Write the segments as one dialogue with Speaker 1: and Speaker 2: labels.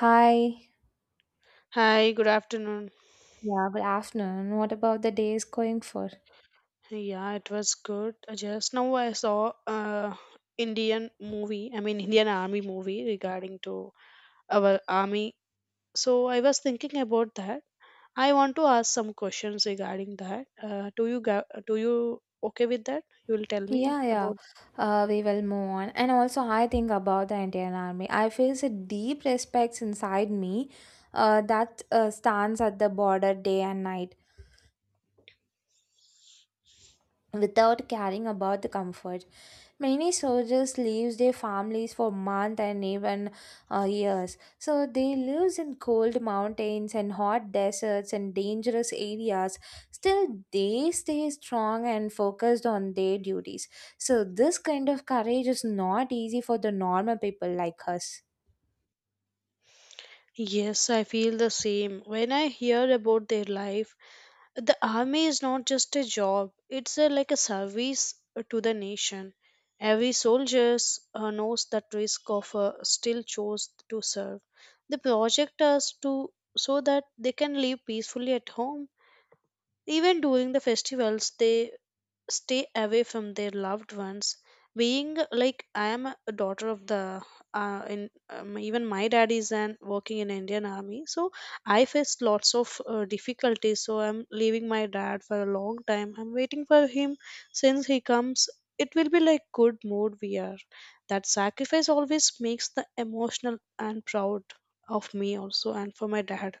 Speaker 1: Hi.
Speaker 2: Hi, good afternoon.
Speaker 1: Yeah, good afternoon. What about the day is going for?
Speaker 2: Yeah, it was good. Just now I saw Indian movie, I mean Indian Army movie regarding to our army. So I was thinking about that. I want to ask some questions regarding that. Do you okay with that? You will tell me
Speaker 1: Yeah, yeah.
Speaker 2: about.
Speaker 1: We will move on. And also, I think about the Indian Army. I feel a deep respect inside me that stands at the border day and night without caring about the comfort. Many soldiers leave their families for months and even years. So they live in cold mountains and hot deserts and dangerous areas. Still, they stay strong and focused on their duties. So this kind of courage is not easy for the normal people like us.
Speaker 2: Yes, I feel the same. When I hear about their life, the army is not just a job, it's a, like a service to the nation. Every soldier knows that risk of still chose to serve. They project us to, so that they can live peacefully at home. Even during the festivals they stay away from their loved ones. Being like, I am a daughter of the in even my dad is an working in Indian Army, so I faced lots of difficulties. So I'm leaving my dad for a long time, I'm waiting for him. Since he comes, it will be like good mood we are. That sacrifice always makes the emotional and proud of me also and for my dad.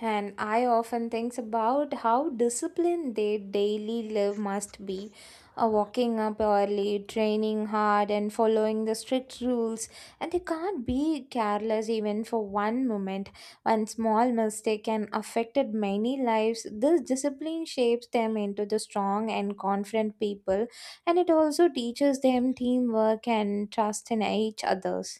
Speaker 1: And I often think about how disciplined their daily life must be. Walking up early, training hard, and following the strict rules. And they can't be careless even for one moment. One small mistake can affect many lives. This discipline shapes them into the strong and confident people. And it also teaches them teamwork and trust in each others.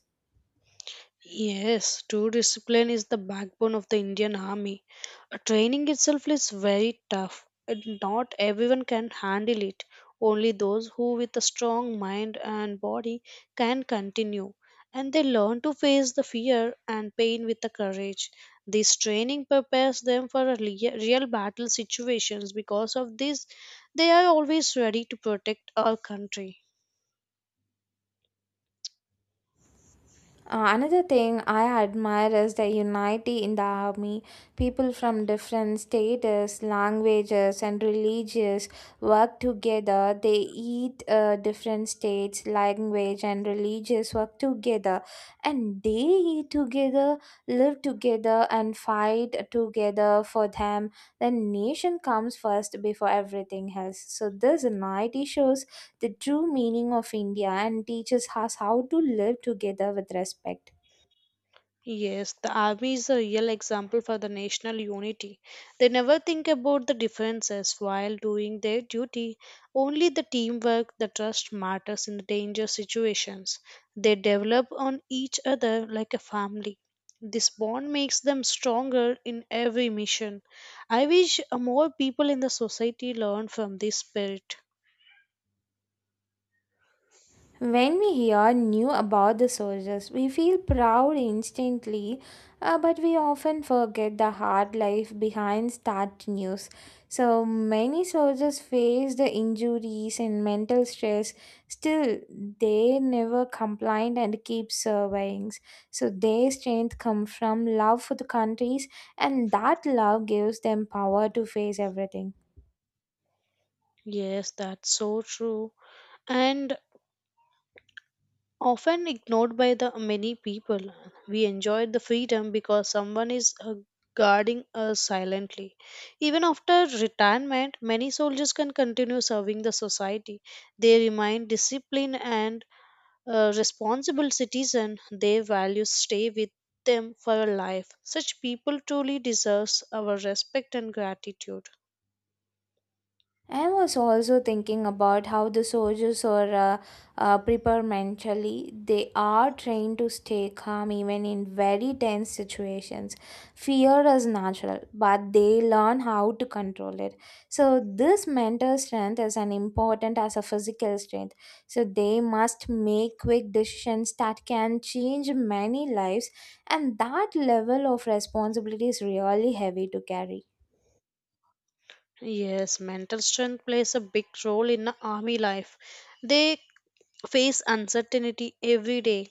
Speaker 2: Yes, true discipline is the backbone of the Indian Army. Training itself is very tough, and not everyone can handle it. Only those who, with a strong mind and body, can continue. And they learn to face the fear and pain with the courage. This training prepares them for a real battle situations. Because of this, they are always ready to protect our country.
Speaker 1: Another thing I admire is the unity in the army. People from different status, languages, and religions work together. They eat different states, language, and religious work together, and they eat together, live together, and fight together for them. The nation comes first before everything else. So this unity shows the true meaning of India and teaches us how to live together with respect.
Speaker 2: Yes, the army is a real example for the national unity. They never think about the differences while doing their duty. Only the teamwork, the trust matters in the danger situations. They develop on each other like a family. This bond makes them stronger in every mission. I wish more people in the society learn from this spirit.
Speaker 1: When we hear new about the soldiers, we feel proud instantly, but we often forget the hard life behind that news. So many soldiers face the injuries and mental stress. Still, they never complained and keep surveying. So their strength comes from love for the countries, and that love gives them power to face everything.
Speaker 2: Yes, that's so true. And often ignored by the many people, we enjoy the freedom because someone is guarding us silently. Even after retirement, many soldiers can continue serving the society. They remain disciplined and responsible citizen. Their values stay with them for a life. Such people truly deserves our respect and gratitude.
Speaker 1: I was also thinking about how the soldiers are prepared mentally. They are trained to stay calm even in very tense situations. Fear is natural, but they learn how to control it. So, this mental strength is as important as a physical strength. So, they must make quick decisions that can change many lives, and that level of responsibility is really heavy to carry.
Speaker 2: Yes, mental strength plays a big role in the army life. They face uncertainty every day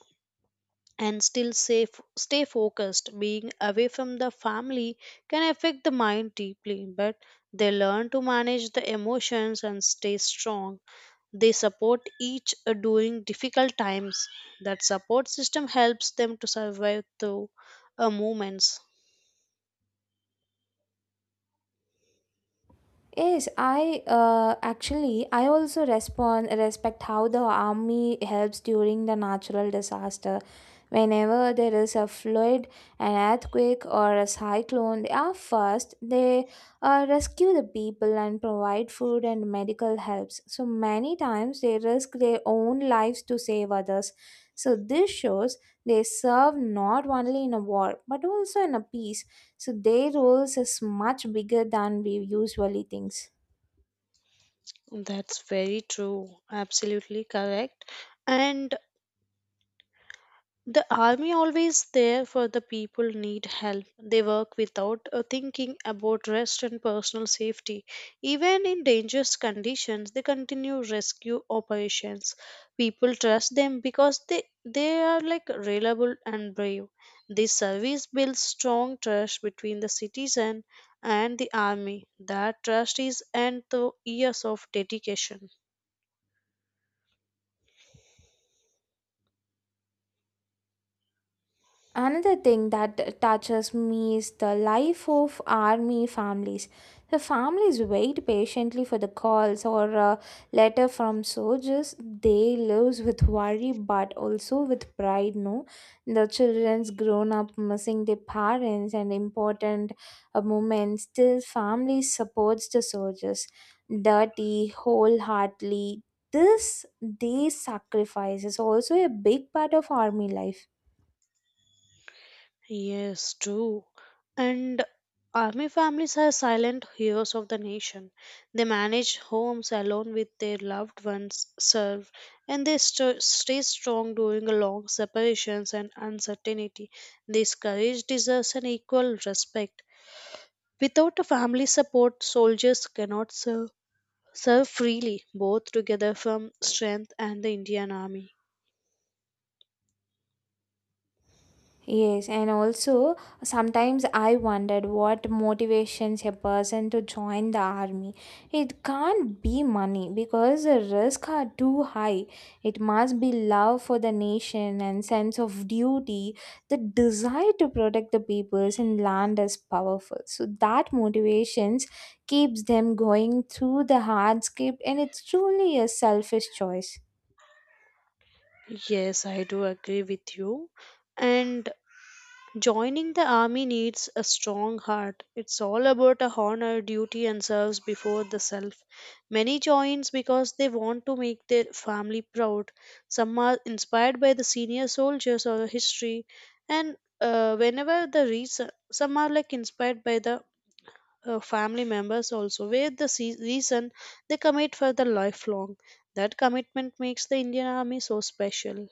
Speaker 2: and still safe, stay focused. Being away from the family can affect the mind deeply, but they learn to manage the emotions and stay strong. They support each during difficult times. That support system helps them to survive through moments.
Speaker 1: Yes, I actually I also respond respect how the army helps during the natural disaster. Whenever there is a flood, an earthquake, or a cyclone, they are first. They rescue the people and provide food and medical helps. So many times they risk their own lives to save others. So this shows they serve not only in a war but also in a peace, so their roles is much bigger than we usually think.
Speaker 2: That's very true. Absolutely correct. And the army always there for the people need help. They work without thinking about rest and personal safety. Even in dangerous conditions, they continue rescue operations. People trust them because they are like reliable and brave. This service builds strong trust between the citizen and the army. That trust is earned through years of dedication.
Speaker 1: Another thing that touches me is the life of army families. The families wait patiently for the calls or a letter from soldiers. They live with worry but also with pride, no? The children's grown up missing their parents and important moments. Still, family supports the soldiers. Dirty, wholeheartedly. This, these sacrifices also a big part of army life.
Speaker 2: Yes, true. And army families are silent heroes of the nation. They manage homes alone with their loved ones, serve, and stay strong during long separations and uncertainty. This courage deserves an equal respect. Without a family support, soldiers cannot serve, serve freely, both together from strength and the Indian army.
Speaker 1: Yes, and also sometimes I wondered what motivations a person to join the army. It can't be money because the risks are too high. It must be love for the nation and sense of duty. The desire to protect the peoples and land is powerful. So that motivations keeps them going through the hardscape and it's truly a selfish choice.
Speaker 2: Yes, I do agree with you. And joining the army needs a strong heart. It's all about a honor, duty, and service before the self. Many joins because they want to make their family proud. Some are inspired by the senior soldiers or history, and whenever the reason, some are like inspired by the family members also, where the reason they commit for the lifelong. That commitment makes the Indian army so special.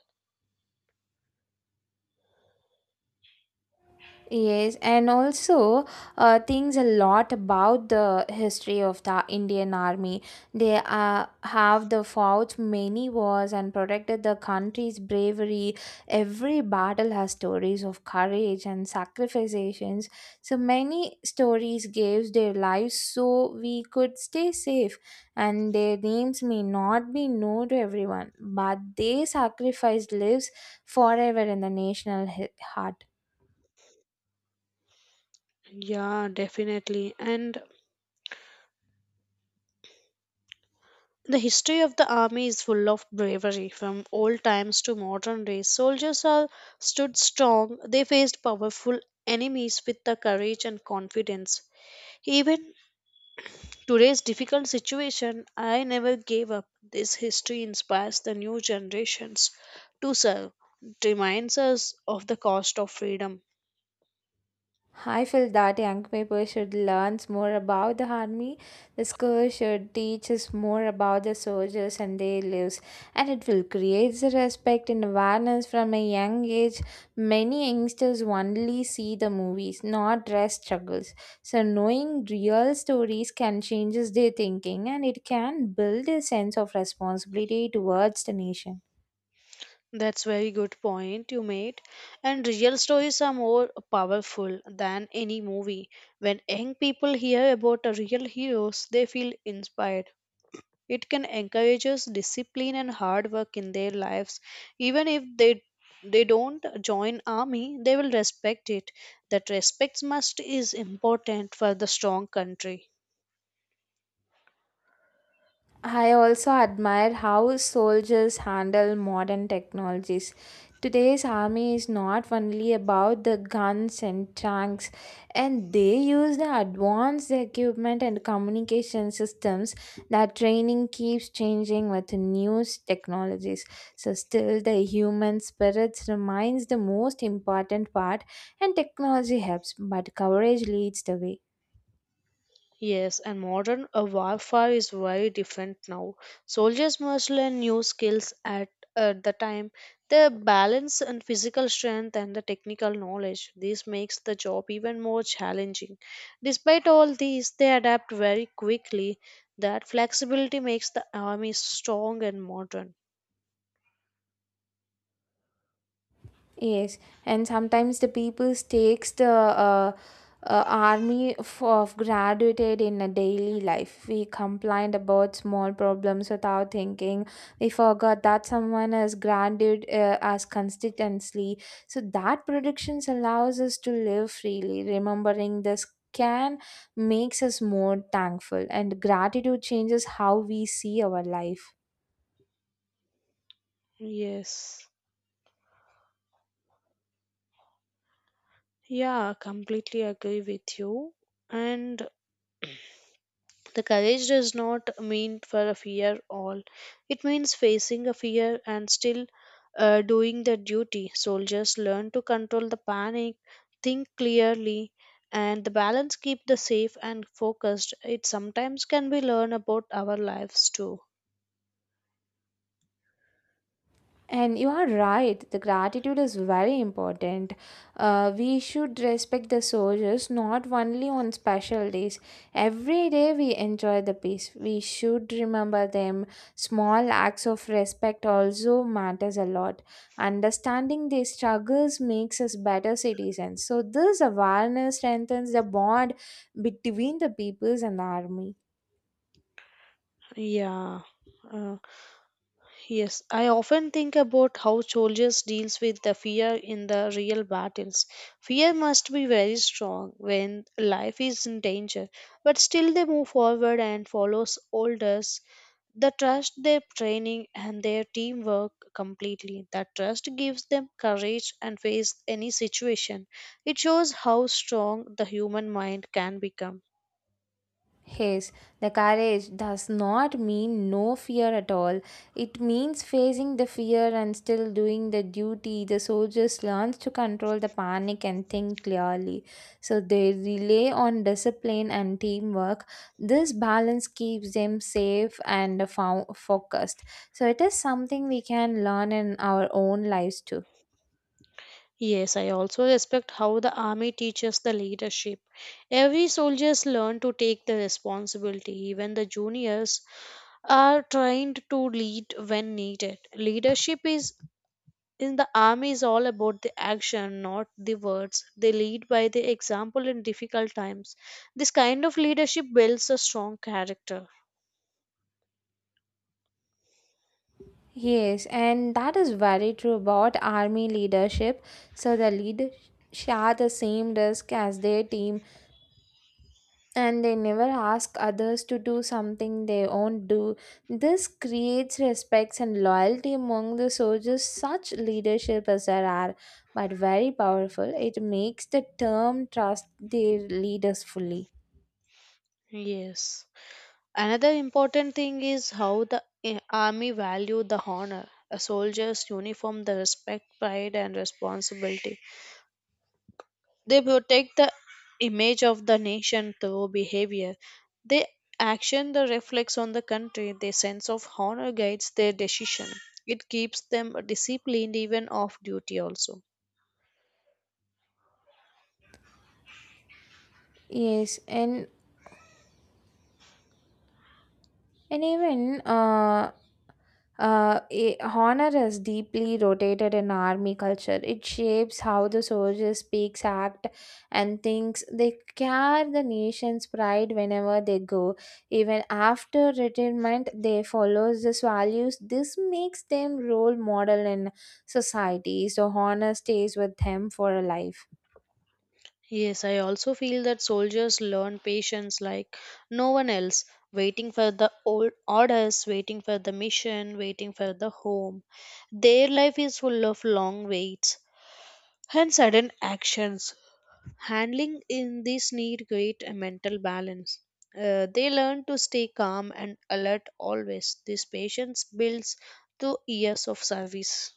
Speaker 1: Yes, and also things a lot about the history of the Indian Army. They have the fought many wars and protected the country's bravery. Every battle has stories of courage and sacrifices. So many stories gave their lives so we could stay safe. And their names may not be known to everyone, but they sacrificed lives forever in the national heart.
Speaker 2: Yeah, definitely. And the history of the army is full of bravery from old times to modern days. Soldiers are stood strong. They faced powerful enemies with the courage and confidence. Even today's difficult situation, I never gave up. This history inspires the new generations to serve. It reminds us of the cost of freedom.
Speaker 1: I feel that young people should learn more about the army. The school should teach us more about the soldiers and their lives, and it will create the respect and awareness from a young age. Many youngsters only see the movies, not real struggles. So, knowing real stories can change their thinking and it can build a sense of responsibility towards the nation.
Speaker 2: That's very good point you made. And real stories are more powerful than any movie. When young people hear about a real heroes, they feel inspired. It can encourage us discipline and hard work in their lives. Even if they don't join army, they will respect it. That respect must is important for the strong country.
Speaker 1: I also admire how soldiers handle modern technologies. Today's army is not only about the guns and tanks, and they use the advanced equipment and communication systems that training keeps changing with new technologies. So still the human spirits remains the most important part and technology helps, but courage leads the way.
Speaker 2: Yes, and modern warfare is very different now. Soldiers must learn new skills at the time. The balance and physical strength and the technical knowledge. This makes the job even more challenging. Despite all these, they adapt very quickly. That flexibility makes the army strong and modern.
Speaker 1: Yes, and sometimes the people takes the army of graduated in a daily life. We complained about small problems without thinking. We forgot that someone has granted us constituency. So that predictions allows us to live freely. Remembering this can makes us more thankful, and gratitude changes how we see our life.
Speaker 2: Yes. Yeah, completely agree with you. And the courage does not mean for a fear all. It means facing a fear and still doing their duty. Soldiers learn to control the panic, think clearly, and the balance keep the safe and focused. It sometimes can be learned about our lives too.
Speaker 1: And you are right, the gratitude is very important. We should respect the soldiers not only on special days. Every day we enjoy the peace. We should remember them. Small acts of respect also matters a lot. Understanding their struggles makes us better citizens. So this awareness strengthens the bond between the peoples and the army.
Speaker 2: Yeah. Uh, Yes, I often think about how soldiers deals with the fear in the real battles. Fear must be very strong when life is in danger, but still they move forward and follows orders. They trust their training and their teamwork completely. That trust gives them courage and face any situation. It shows how strong the human mind can become.
Speaker 1: Yes, the courage does not mean no fear at all. It means facing the fear and still doing the duty. The soldiers learns to control the panic and think clearly. So they rely on discipline and teamwork. This balance keeps them safe and focused. So it is something we can learn in our own lives too.
Speaker 2: Yes, I also respect how the army teaches the leadership. Every soldiers learn to take the responsibility. Even the juniors are trained to lead when needed. Leadership is in the army is all about the action, not the words. They lead by the example in difficult times. This kind of leadership builds a strong character.
Speaker 1: Yes, and that is very true about army leadership. So the leaders share the same risk as their team and they never ask others to do something they won't do. This creates respect and loyalty among the soldiers. Such leadership as there are, but very powerful. It makes the term trust their leaders fully.
Speaker 2: Yes. Another important thing is how the army value the honor. A soldier's uniform, the respect, pride, and responsibility. They protect the image of the nation through behavior. They action the reflex on the country. Their sense of honor guides their decision. It keeps them disciplined even off duty also.
Speaker 1: Yes, and even honor is deeply rotated in army culture. It shapes how the soldier speaks, act, and thinks. They carry the nation's pride whenever they go. Even after retirement, they follow these values. This makes them role model in society. So honor stays with them for a life.
Speaker 2: Yes, I also feel that soldiers learn patience like no one else, waiting for the old orders, waiting for the mission, waiting for the home. Their life is full of long waits and sudden actions. Handling in this need great mental balance. They learn to stay calm and alert always. This patience builds through years of service.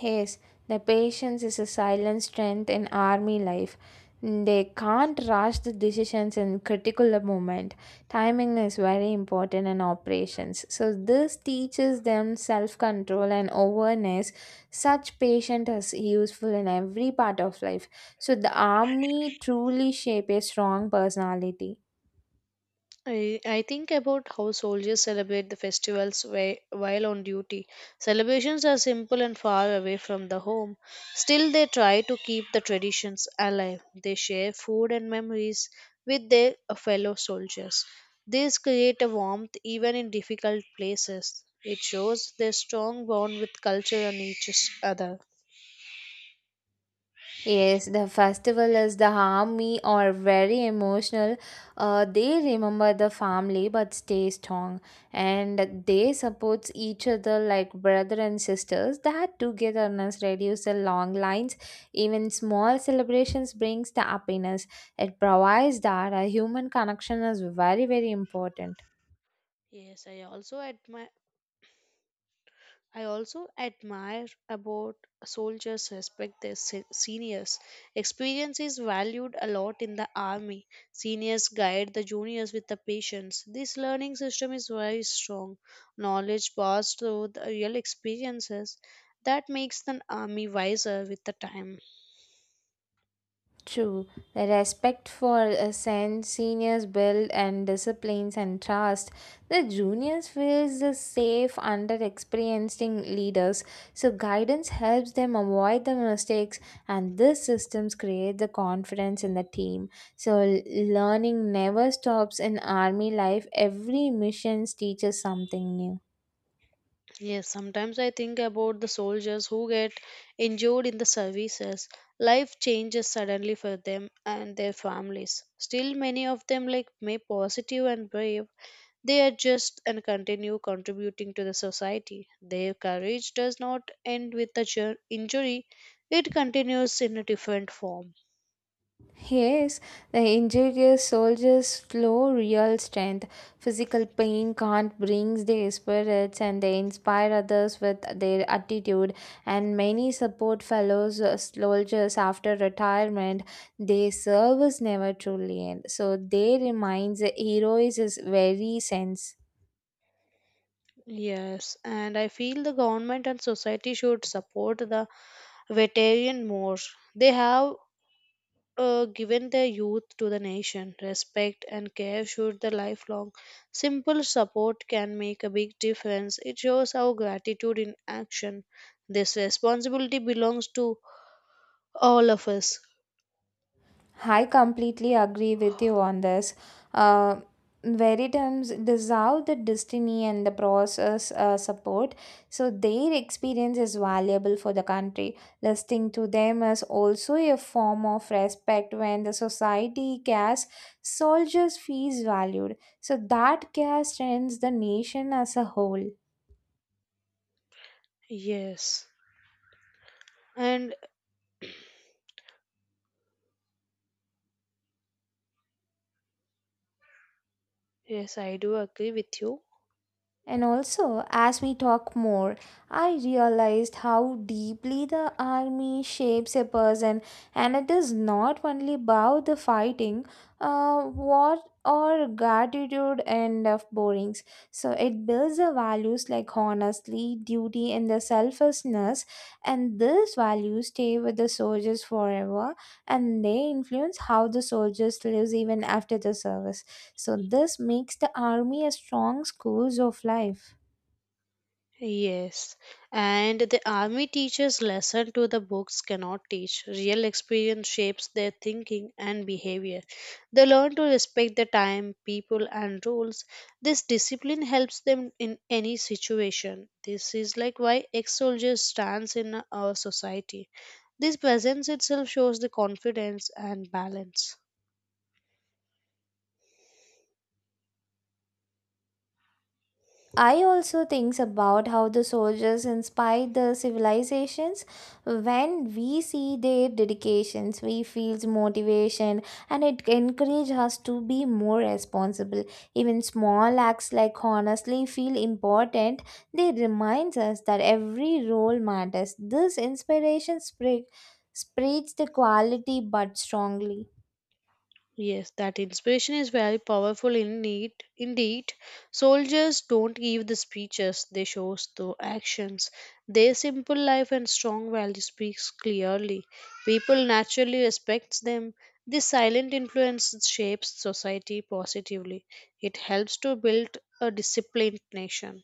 Speaker 1: Yes, the patience is a silent strength in army life. They can't rush the decisions in critical moment. Timing is very important in operations. So this teaches them self-control and awareness. Such patience is useful in every part of life. So the army truly shape a strong personality.
Speaker 2: I think about how soldiers celebrate the festivals while on duty. Celebrations are simple and far away from the home. Still, they try to keep the traditions alive. They share food and memories with their fellow soldiers. These create a warmth even in difficult places. It shows their strong bond with culture and each other.
Speaker 1: Yes, the festival is the harmony or very emotional. They remember the family but stay strong, and they support each other like brother and sisters. That togetherness reduces the long lines. Even small celebrations brings the happiness. It provides that a human connection is very very important.
Speaker 2: Yes, I also admire about soldiers respect their seniors. Experience is valued a lot in the army. Seniors guide the juniors with the patience. This learning system is very strong. Knowledge passed through the real experiences that makes the army wiser with the time.
Speaker 1: True. The respect for a seniors build and disciplines and trust. The juniors feels the safe under experienced leaders, so guidance helps them avoid the mistakes and these systems create the confidence in the team. So learning never stops in army life. Every mission teaches something new.
Speaker 2: Yes, sometimes I think about the soldiers who get injured in the services. Life changes suddenly for them and their families. Still, many of them, like may positive and brave, they adjust and continue contributing to the society. Their courage does not end with the injury, it continues in a different form.
Speaker 1: Yes, the injured soldiers flow real strength. Physical pain can't bring their spirits and they inspire others with their attitude. And many support fellow soldiers after retirement. Their service never truly ends. So they reminds the heroes is very sense.
Speaker 2: Yes, and I feel the government and society should support the veteran more. They have given their youth to the nation. Respect and care should the lifelong. Simple support can make a big difference. It shows our gratitude in action. This responsibility belongs to all of us.
Speaker 1: I completely agree with you on this. Uh, Veritums deserve the destiny and the process support, so their experience is valuable for the country. Listening to them is also a form of respect when the society cares, soldiers feels valued. So that care strengthens the nation as a whole.
Speaker 2: Yes. And yes, I do agree with you.
Speaker 1: And also, as we talk more, I realized how deeply the army shapes a person, and it is not only about the fighting, war, or gratitude and of borings. So it builds the values like honestly, duty, and the selflessness, and these values stay with the soldiers forever, and they influence how the soldiers lives even after the service. So this makes the army a strong schools of life.
Speaker 2: Yes, and the army teaches lesson to the books cannot teach. Real experience shapes their thinking and behavior. They learn to respect the time, people, and rules. This discipline helps them in any situation. This is like why ex-soldiers stands in our society. This presence itself shows the confidence and balance.
Speaker 1: I also think about how the soldiers inspire the civilizations. When we see their dedications, we feel motivation and it encourages us to be more responsible. Even small acts like honestly feel important. They reminds us that every role matters. Spreads the quality but strongly.
Speaker 2: Yes, that inspiration is very powerful indeed. Indeed, soldiers don't give the speeches; they show through actions. Their simple life and strong value speaks clearly. People naturally respect them. This silent influence shapes society positively. It helps to build a disciplined nation.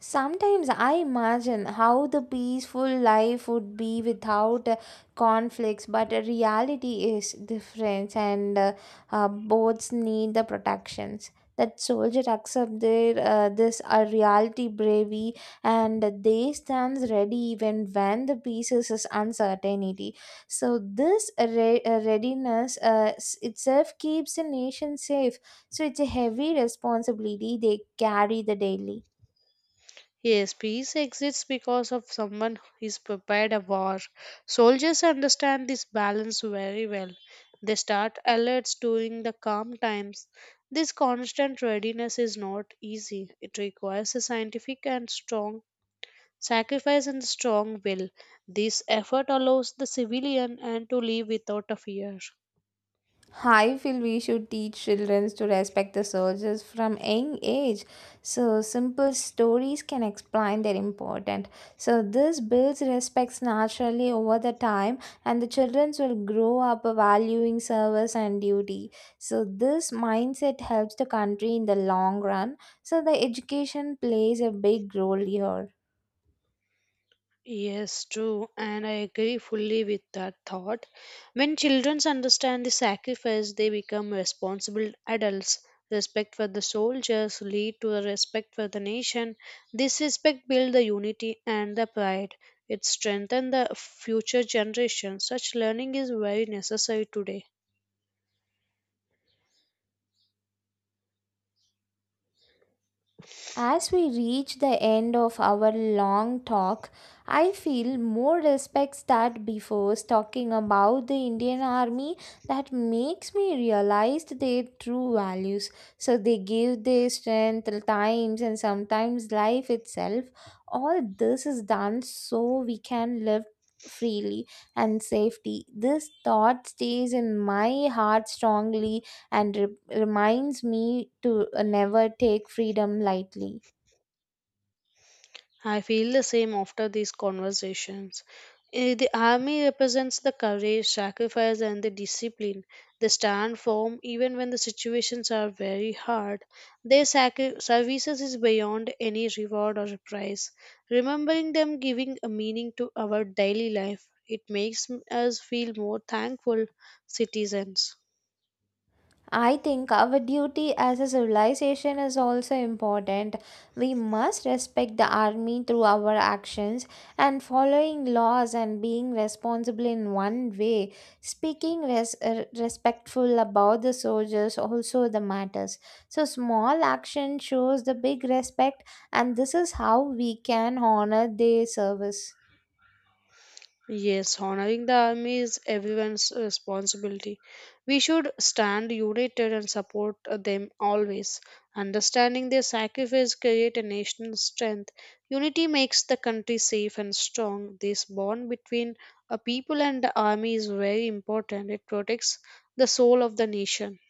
Speaker 1: Sometimes I imagine how the peaceful life would be without conflicts, but the reality is different, and both need the protections. That soldier accept their this a reality bravery, and they stands ready even when the pieces is uncertainty. So this readiness itself keeps the nation safe. So it's a heavy responsibility they carry the daily.
Speaker 2: Yes, peace exists because of someone who is prepared a war. Soldiers understand this balance very well. They start alerts during the calm times. This constant readiness is not easy. It requires a scientific and strong sacrifice and strong will. This effort allows the civilian and to live without a fear.
Speaker 1: I feel we should teach children to respect the soldiers from young age. So simple stories can explain their importance. So this builds respects naturally over the time, and the children will grow up valuing service and duty. So this mindset helps the country in the long run. So the education plays a big role here.
Speaker 2: Yes, true, and I agree fully with that thought. When children understand the sacrifice, they become responsible adults. Respect for the soldiers lead to a respect for the nation. This respect builds the unity and the pride. It strengthens the future generation. Such learning is very necessary today.
Speaker 1: As we reach the end of our long talk, I feel more respect that before talking about the Indian Army that makes me realize their true values. So they give their strength, times, and sometimes life itself. All this is done so we can live freely and safety. This thought stays in my heart strongly and reminds me to never take freedom lightly.
Speaker 2: I feel the same after these conversations. Eh, the army represents the courage, sacrifice, and the discipline. They stand firm even when the situations are very hard. Their services is beyond any reward or prize. Remembering them giving a meaning to our daily life, it makes us feel more thankful citizens.
Speaker 1: I think our duty as a civilization is also important. We must respect the army through our actions and following laws and being responsible in one way. Speaking respectful about the soldiers also the matters. So small action shows the big respect and this is how we can honor their service.
Speaker 2: Yes, honoring the army is everyone's responsibility. We should stand united and support them always. Understanding their sacrifice create a national strength. Unity makes the country safe and strong. This bond between a people and the army is very important. It protects the soul of the nation.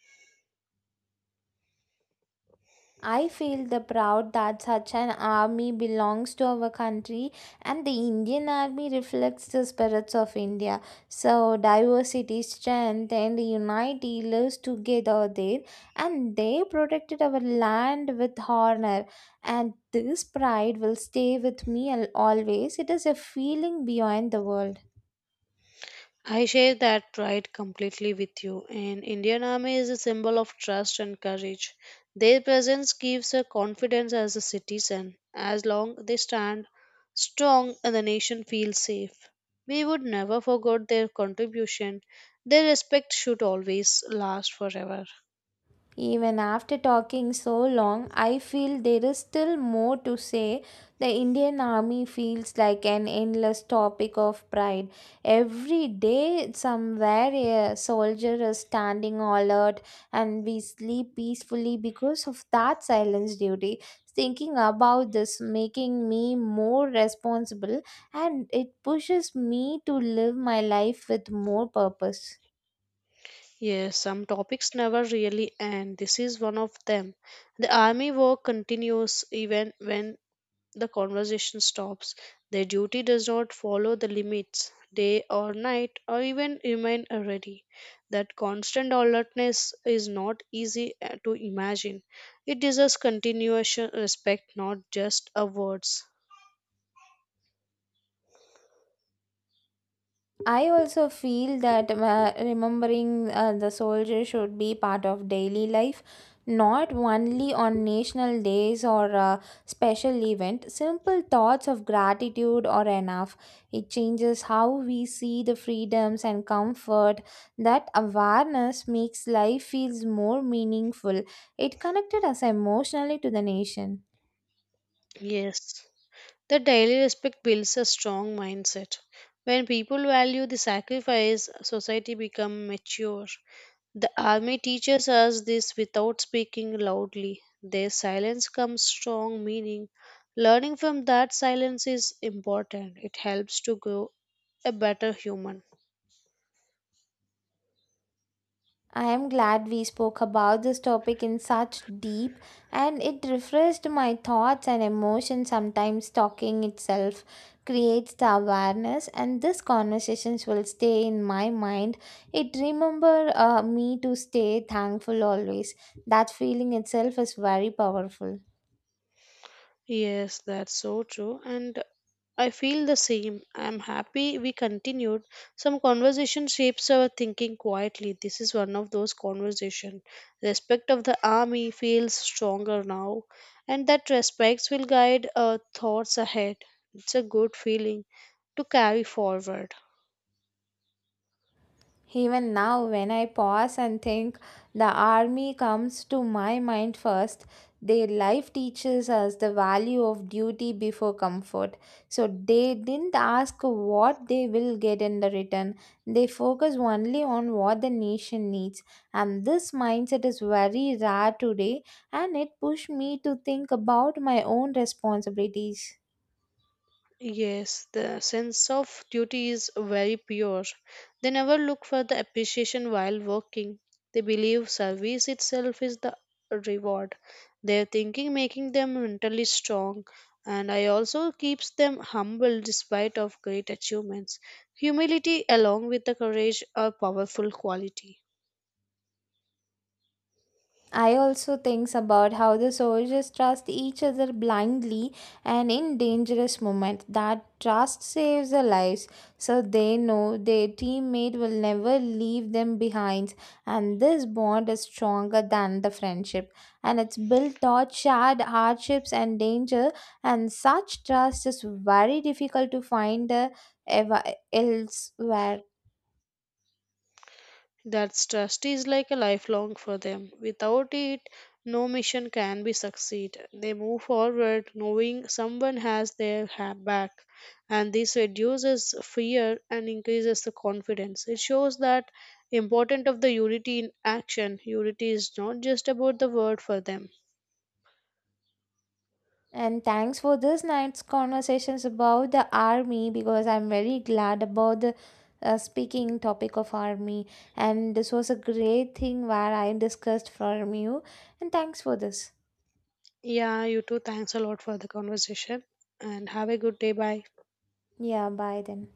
Speaker 1: I feel the proud that such an army belongs to our country and the Indian army reflects the spirits of India. So diversity, strength and unity lives together there and they protected our land with honor and this pride will stay with me always. It is a feeling beyond the world.
Speaker 2: I share that pride completely with you. And Indian Army is a symbol of trust and courage. Their presence gives a confidence as a citizen. As long they stand strong, and the nation feels safe. We would never forget their contribution. Their respect should always last forever.
Speaker 1: Even after talking so long, I feel there is still more to say. The Indian Army feels like an endless topic of pride. Every day, somewhere a soldier is standing alert, and we sleep peacefully because of that silence duty. Thinking about this making me more responsible, and it pushes me to live my life with more purpose.
Speaker 2: Yes, some topics never really end. This is one of them. The army work continues even when the conversation stops. Their duty does not follow the limits, day or night, or even remain ready. That constant alertness is not easy to imagine. It deserves continuous respect, not just a words.
Speaker 1: I also feel that remembering the soldier should be part of daily life, not only on national days or special event. Simple thoughts of gratitude are enough. It changes how we see the freedoms and comfort. That awareness makes life feels more meaningful. It connected us emotionally to the nation.
Speaker 2: Yes. The daily respect builds a strong mindset. When people value the sacrifice, society becomes mature. The army teaches us this without speaking loudly. Their silence comes strong meaning. Learning from that silence is important. It helps to grow a better human.
Speaker 1: I am glad we spoke about this topic in such deep and it refreshed my thoughts and emotions. Sometimes talking itself creates the awareness, and these conversations will stay in my mind. It remember me to stay thankful always. That feeling itself is very powerful.
Speaker 2: Yes, that's so true. And I feel the same. I'm happy we continued. Some conversation shapes our thinking quietly. This is one of those conversation. Respect of the army feels stronger now, and that respect will guide our thoughts ahead. It's a good feeling to carry forward.
Speaker 1: Even now, when I pause and think, the army comes to my mind first. Their life teaches us the value of duty before comfort. So they didn't ask what they will get in the return. They focus only on what the nation needs. And this mindset is very rare today and it pushed me to think about my own responsibilities.
Speaker 2: Yes, the sense of duty is very pure. They never look for the appreciation while working. They believe service itself is the reward. Their thinking making them mentally strong and I also keeps them humble despite of great achievements. Humility along with the courage are powerful quality.
Speaker 1: I also thinks about how the soldiers trust each other blindly and in dangerous moments. That trust saves their lives, so they know their teammate will never leave them behind. And this bond is stronger than the friendship, and it's built on shared hardships and danger. And such trust is very difficult to find ever elsewhere.
Speaker 2: That trust is like a lifelong for them. Without it, no mission can be succeed. They move forward knowing someone has their back, and this reduces fear and increases the confidence. It shows that important of the unity in action. Unity is not just about the word for them.
Speaker 1: And thanks for this night's conversations about the army because I'm very glad about the speaking topic of army. And this was a great thing where I discussed from you. And thanks for this.
Speaker 2: Yeah, you too. Thanks a lot for the conversation, and have a good day. Bye.
Speaker 1: Yeah, bye then.